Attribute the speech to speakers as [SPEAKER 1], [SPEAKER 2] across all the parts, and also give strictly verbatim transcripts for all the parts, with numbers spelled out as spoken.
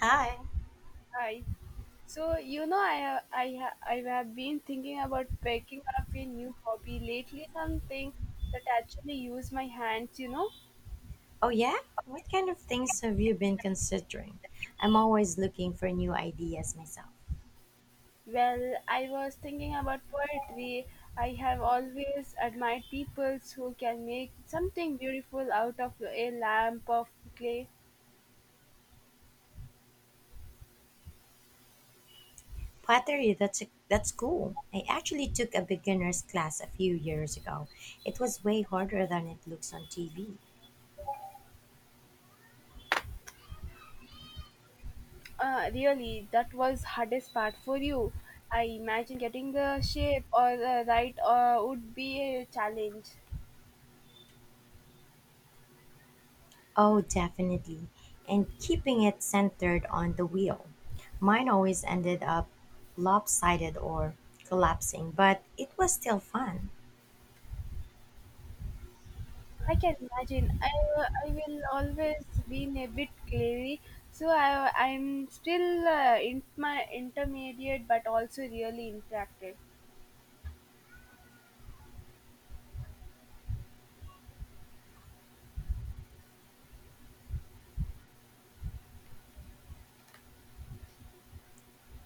[SPEAKER 1] Hi.
[SPEAKER 2] Hi. So you know, I have I have I have been thinking about picking up a new hobby lately. Something that actually use my hands. You know.
[SPEAKER 1] Oh, yeah? What kind of things have you been considering? I'm always looking for new ideas myself.
[SPEAKER 2] Well, I was thinking about poetry. I have always admired people who can make something beautiful out of a lamp of clay.
[SPEAKER 1] Pottery, that's, that's cool. I actually took a beginner's class a few years ago. It was way harder than it looks on T V.
[SPEAKER 2] Uh, really, that was hardest part for you. I imagine getting the shape or the right uh, would be a challenge.
[SPEAKER 1] Oh, definitely. And keeping it centered on the wheel. Mine always ended up lopsided or collapsing, but it was still fun.
[SPEAKER 2] I can imagine. I, I will always been a bit clay, so I, I'm still uh, in my intermediate, but also really interactive.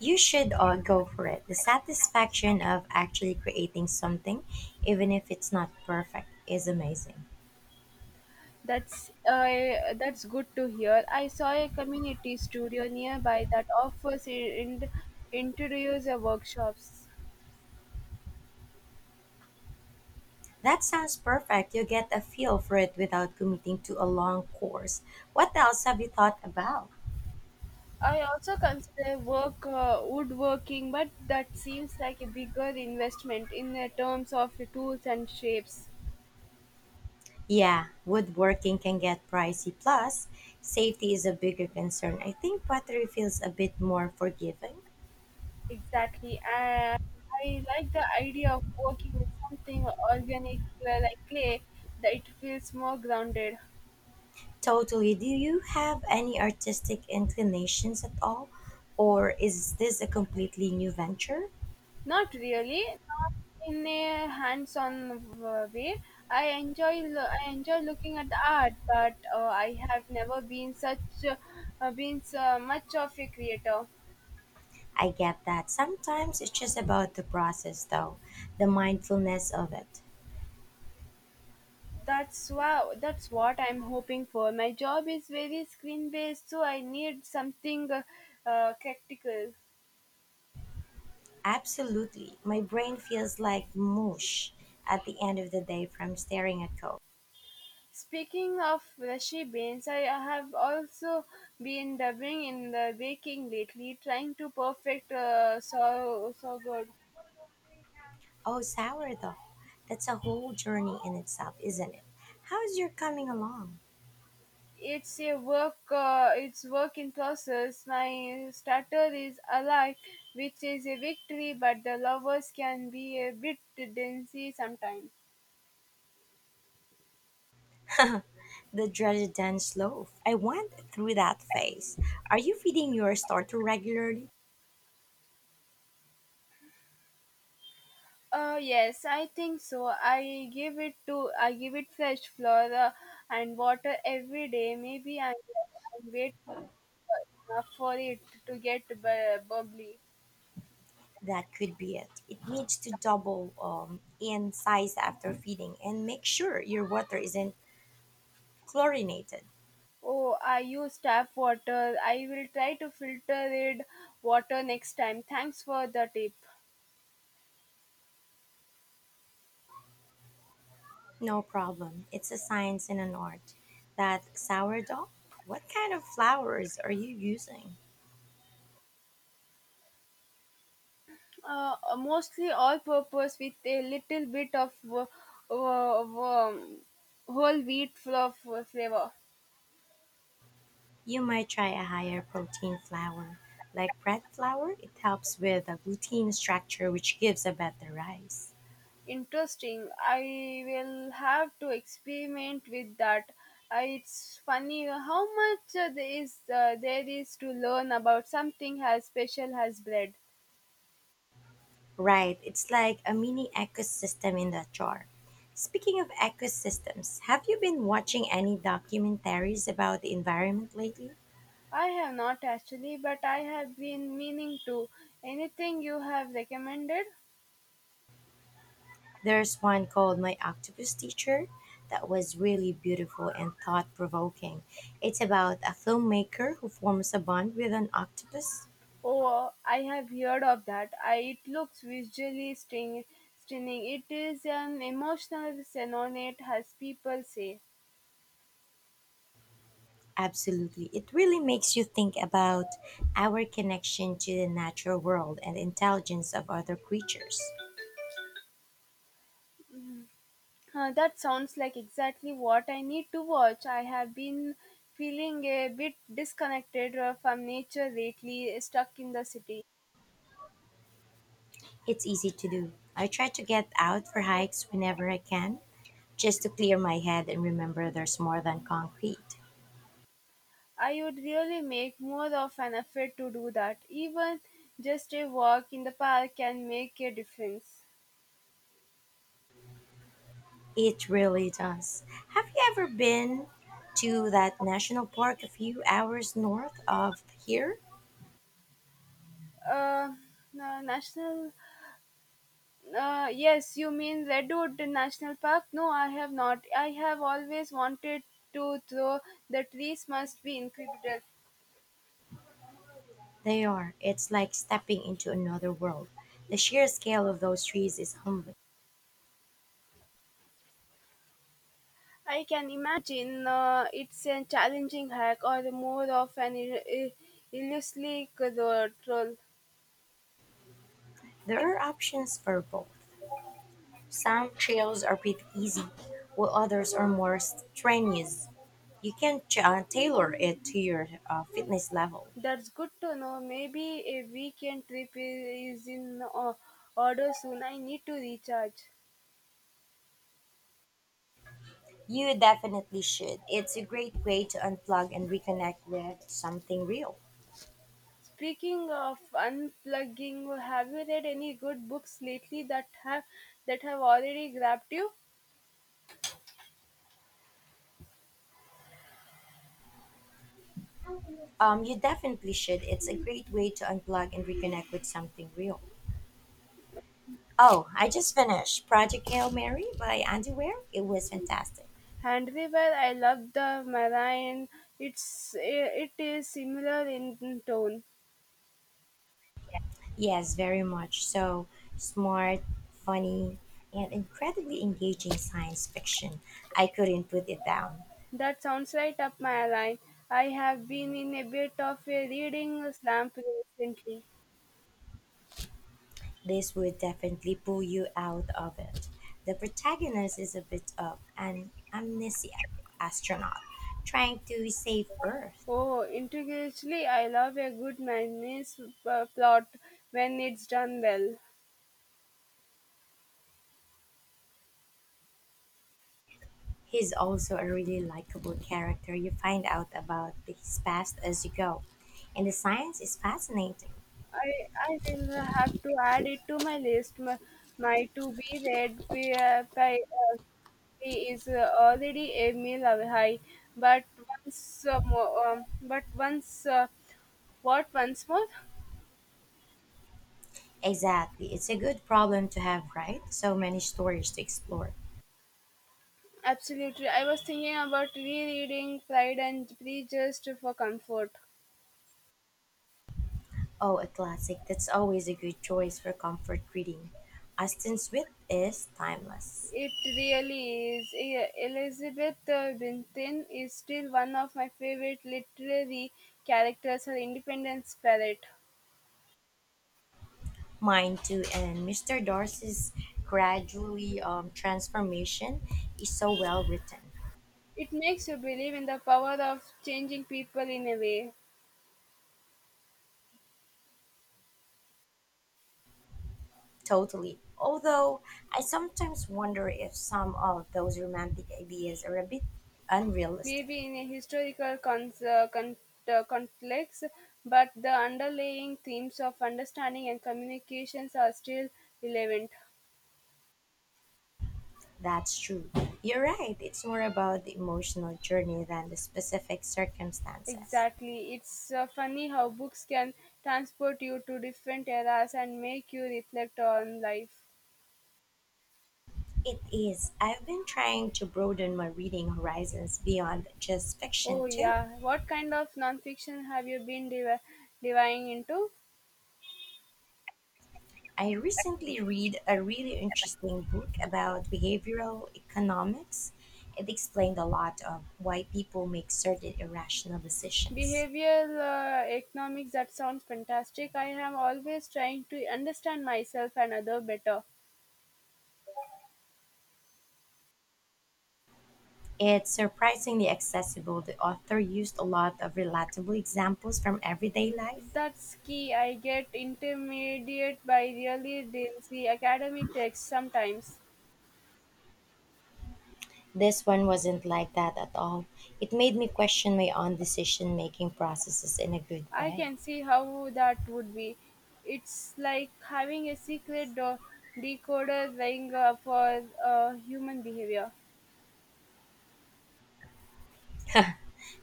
[SPEAKER 1] You should uh, go for it. The satisfaction of actually creating something, even if it's not perfect, is amazing.
[SPEAKER 2] That's uh, that's good to hear. I saw a community studio nearby that offers in, interiors and workshops.
[SPEAKER 1] That sounds perfect. You get a feel for it without committing to a long course. What else have you thought about?
[SPEAKER 2] I also consider work uh, woodworking, but that seems like a bigger investment in the terms of the tools and shapes.
[SPEAKER 1] Yeah, woodworking can get pricey. Plus, safety is a bigger concern. I think pottery feels a bit more forgiving.
[SPEAKER 2] Exactly. I, I like the idea of working with something organic uh, like clay that it feels more grounded.
[SPEAKER 1] Totally. Do you have any artistic inclinations at all? Or is this a completely new venture?
[SPEAKER 2] Not really, not in a hands-on uh, way. I enjoy lo- I enjoy looking at the art, but uh, I have never been such uh, uh, been so much of a creator.
[SPEAKER 1] I get that. Sometimes it's just about the process, though, the mindfulness of it.
[SPEAKER 2] That's wow. That's what I'm hoping for. My job is very screen-based, so I need something uh, uh, practical.
[SPEAKER 1] Absolutely. My brain feels like mush at the end of the day from staring at Coke.
[SPEAKER 2] Speaking of brushy beans, I have also been dabbling in the baking lately, trying to perfect uh, so so good.
[SPEAKER 1] Oh, sourdough. That's a whole journey in itself, isn't it? How's your coming along?
[SPEAKER 2] It's a work. Uh, it's work in process. My starter is alive, which is a victory, but the lovers can be a bit densy sometimes.
[SPEAKER 1] The dreaded dense loaf. I went through that phase. Are you feeding your starter regularly?
[SPEAKER 2] Uh, yes, I think so. I give it to I give it fresh flour uh, and water every day. Maybe I'm, I'm enough for it to get bu- bubbly.
[SPEAKER 1] That could be it. It needs to double um, in size after feeding, and make sure your water isn't chlorinated.
[SPEAKER 2] Oh, I use tap water. I will try to filter it water next time. Thanks for the tip.
[SPEAKER 1] No problem. It's a science and an art. That sourdough? What kind of flours are you using?
[SPEAKER 2] Uh, mostly all purpose with a little bit of w- w- whole wheat fluff flavor.
[SPEAKER 1] You might try a higher protein flour, like bread flour. It helps with the gluten structure, which gives a better rice.
[SPEAKER 2] Interesting. I will have to experiment with that. Uh, it's funny how much uh, there is uh, there is to learn about something as special as bread.
[SPEAKER 1] Right, it's like a mini ecosystem in the jar. Speaking of ecosystems, have you been watching any documentaries about the environment lately?
[SPEAKER 2] I have not actually, but I have been meaning to. Anything you have recommended?
[SPEAKER 1] There's one called My Octopus Teacher that was really beautiful and thought provoking. It's about a filmmaker who forms a bond with an octopus.
[SPEAKER 2] Oh, I have heard of that. I, it looks visually sting, stunning. It is an emotional sonnet, as people say.
[SPEAKER 1] Absolutely. It really makes you think about our connection to the natural world and intelligence of other creatures.
[SPEAKER 2] Uh, that sounds like exactly what I need to watch. I have been feeling a bit disconnected uh, from nature lately, stuck in the city.
[SPEAKER 1] It's easy to do. I try to get out for hikes whenever I can, just to clear my head and remember there's more than concrete.
[SPEAKER 2] I would really make more of an effort to do that. Even just a walk in the park can make a difference.
[SPEAKER 1] It really does. Have you ever been to that national park a few hours north of here?
[SPEAKER 2] Uh, na- national, uh, yes, you mean Redwood National Park? No, I have not. I have always wanted to throw. The trees must be incredible.
[SPEAKER 1] They are. It's like stepping into another world. The sheer scale of those trees is humbling.
[SPEAKER 2] I can imagine uh, it's a challenging hike or more of an il- il- illusory road.
[SPEAKER 1] There are options for both. Some trails are pretty easy, while others are more strenuous. You can ch- uh, tailor it to your uh, fitness level.
[SPEAKER 2] That's good to know. Maybe a weekend trip i- is in o- order soon. I need to recharge.
[SPEAKER 1] You definitely should. It's a great way to unplug and reconnect with something real.
[SPEAKER 2] Speaking of unplugging, have you read any good books lately that have that have already grabbed you?
[SPEAKER 1] Um, you definitely should. It's a great way to unplug and reconnect with something real. Oh, I just finished Project Hail Mary by Underwear. It was fantastic.
[SPEAKER 2] Hand River, I love the Marine. It's it is similar in tone.
[SPEAKER 1] Yes, very much so. Smart, funny, and incredibly engaging science fiction. I couldn't put it down.
[SPEAKER 2] That sounds right up my line. I have been in a bit of a reading slump recently.
[SPEAKER 1] This would definitely pull you out of it. The protagonist is a bit of an amnesiac astronaut trying to save Earth.
[SPEAKER 2] Oh, intriguingly, I love a good mayonnaise p- plot when it's done well.
[SPEAKER 1] He's also a really likable character. You find out about his past as you go. And the science is fascinating.
[SPEAKER 2] I I will have to add it to my list. My, my to be read pi- uh, pi- uh, is uh, already a meal high, but once uh, more, um, but once uh, what once more?
[SPEAKER 1] Exactly. It's a good problem to have, right? So many stories to explore.
[SPEAKER 2] Absolutely, I was thinking about rereading Pride and Prejudice for comfort.
[SPEAKER 1] Oh, a classic. That's always a good choice for comfort reading. Austin Swift is timeless.
[SPEAKER 2] It really is. E- Elizabeth uh, Benton is still one of my favorite literary characters, her independent spirit.
[SPEAKER 1] Mine too. And mister Darcy's gradually um, transformation is so well written.
[SPEAKER 2] It makes you believe in the power of changing people in a way,
[SPEAKER 1] Totally. Although I sometimes wonder if some of those romantic ideas are a bit unrealistic.
[SPEAKER 2] maybe in a historical con uh, con- uh, context, but the underlying themes of understanding and communications are still relevant.
[SPEAKER 1] That's true. You're right. It's more about the emotional journey than the specific circumstances.
[SPEAKER 2] Exactly. It's uh, funny how books can transport you to different eras and make you reflect on life.
[SPEAKER 1] It is. I've been trying to broaden my reading horizons beyond just
[SPEAKER 2] Oh,
[SPEAKER 1] fiction, too.
[SPEAKER 2] yeah. What kind of nonfiction have you been div- diving into?
[SPEAKER 1] I recently read a really interesting book about behavioral economics. It explained a lot of why people make certain irrational decisions.
[SPEAKER 2] Behavioral uh, economics, that sounds fantastic. I am always trying to understand myself and other better.
[SPEAKER 1] It's surprisingly accessible. The author used a lot of relatable examples from everyday life.
[SPEAKER 2] That's key. I get intimidated by really densely academic texts sometimes.
[SPEAKER 1] This one wasn't like that at all. It made me question my own decision making processes in a good
[SPEAKER 2] I
[SPEAKER 1] way.
[SPEAKER 2] can see how that would be. It's like having a secret do- decoder ring uh, for uh, human behavior.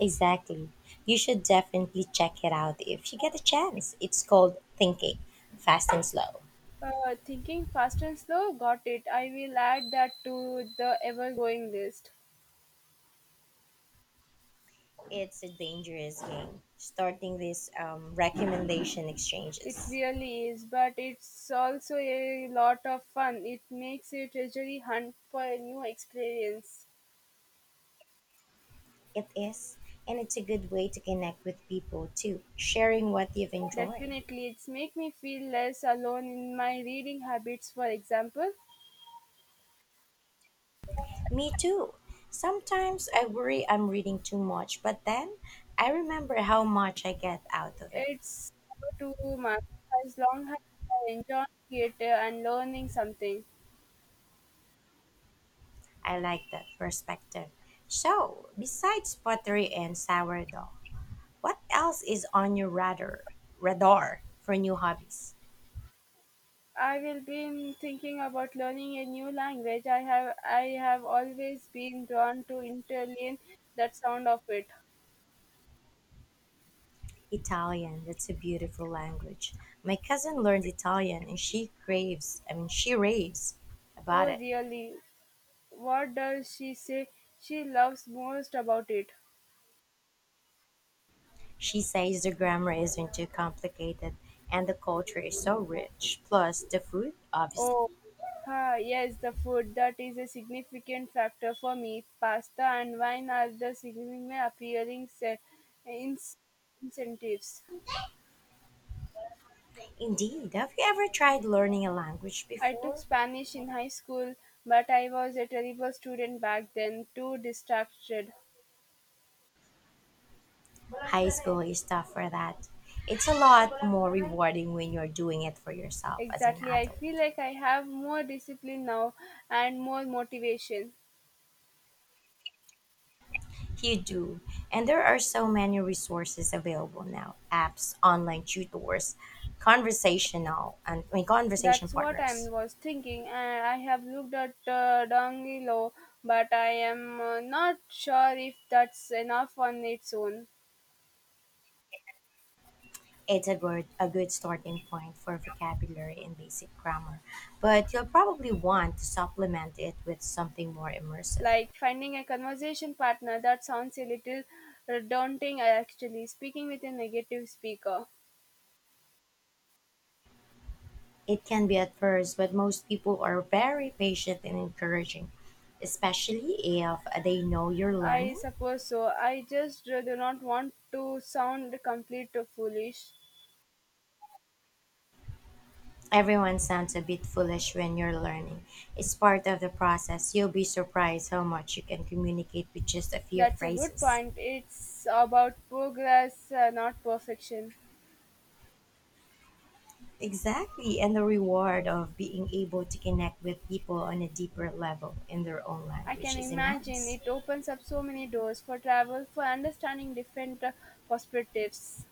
[SPEAKER 1] Exactly. You should definitely check it out if you get a chance. It's called Thinking Fast and Slow.
[SPEAKER 2] Uh, thinking fast and slow, got it. I will add that to the ever going list.
[SPEAKER 1] It's a dangerous game, starting these um, recommendation
[SPEAKER 2] It
[SPEAKER 1] exchanges.
[SPEAKER 2] really is, but it's also a lot of fun. It makes a treasury hunt for a new experience.
[SPEAKER 1] It is, and it's a good way to connect with people too, sharing what you've enjoyed.
[SPEAKER 2] Definitely, it's make me feel less alone in my reading habits. For example,
[SPEAKER 1] Me too. Sometimes I worry I'm reading too much, but then I remember how much I get out of it.
[SPEAKER 2] it's to month as long as I enjoy theater and learning something.
[SPEAKER 1] I like that perspective. So, besides pottery and sourdough, what else is on your radar radar for new hobbies?
[SPEAKER 2] I will be thinking about learning a new language. I have I have always been drawn to Italian. That sound of it.
[SPEAKER 1] Italian, that's a beautiful language. My cousin learned Italian and she craves, I mean she raves about
[SPEAKER 2] Oh,
[SPEAKER 1] it.
[SPEAKER 2] really? What does she say she loves most about it?
[SPEAKER 1] She says the grammar isn't too complicated and the culture is so rich, plus the food, obviously.
[SPEAKER 2] Oh, ha, yes, the food. That is a significant factor for me. Pasta and wine are the significant appealing se- ins- incentives.
[SPEAKER 1] Indeed, have you ever tried learning a language
[SPEAKER 2] I took
[SPEAKER 1] before?
[SPEAKER 2] Spanish in high school, but I was a terrible student back then, too distracted.
[SPEAKER 1] High school is tough for that. It's a lot more rewarding when you're doing it for yourself as an
[SPEAKER 2] Exactly. I
[SPEAKER 1] adult.
[SPEAKER 2] feel like I have more discipline now and more motivation.
[SPEAKER 1] You do, and there are so many resources available now, apps, online tutors, conversational, and I mean, conversation
[SPEAKER 2] That's what I
[SPEAKER 1] partners.
[SPEAKER 2] was thinking, and I have looked at uh, Dongilo, but I am uh, not sure if that's enough on its own.
[SPEAKER 1] It's a good a good starting point for vocabulary and basic grammar, but you'll probably want to supplement it with something more immersive.
[SPEAKER 2] Like finding a conversation partner, that sounds a little uh, daunting, uh, actually, speaking with a negative speaker.
[SPEAKER 1] It can be at first, but most people are very patient and encouraging, especially if they know you're
[SPEAKER 2] I
[SPEAKER 1] learning.
[SPEAKER 2] suppose so. I just uh, do not want to sound complete or foolish.
[SPEAKER 1] Everyone sounds a bit foolish when you're learning. It's part of the process. You'll be surprised how much you can communicate with just a few
[SPEAKER 2] That's a good
[SPEAKER 1] phrases.
[SPEAKER 2] point. It's about progress, uh, not perfection.
[SPEAKER 1] Exactly, and the reward of being able to connect with people on a deeper level in their own
[SPEAKER 2] I can
[SPEAKER 1] language is
[SPEAKER 2] imagine
[SPEAKER 1] immense.
[SPEAKER 2] it opens up so many doors for travel, for understanding different uh, perspectives.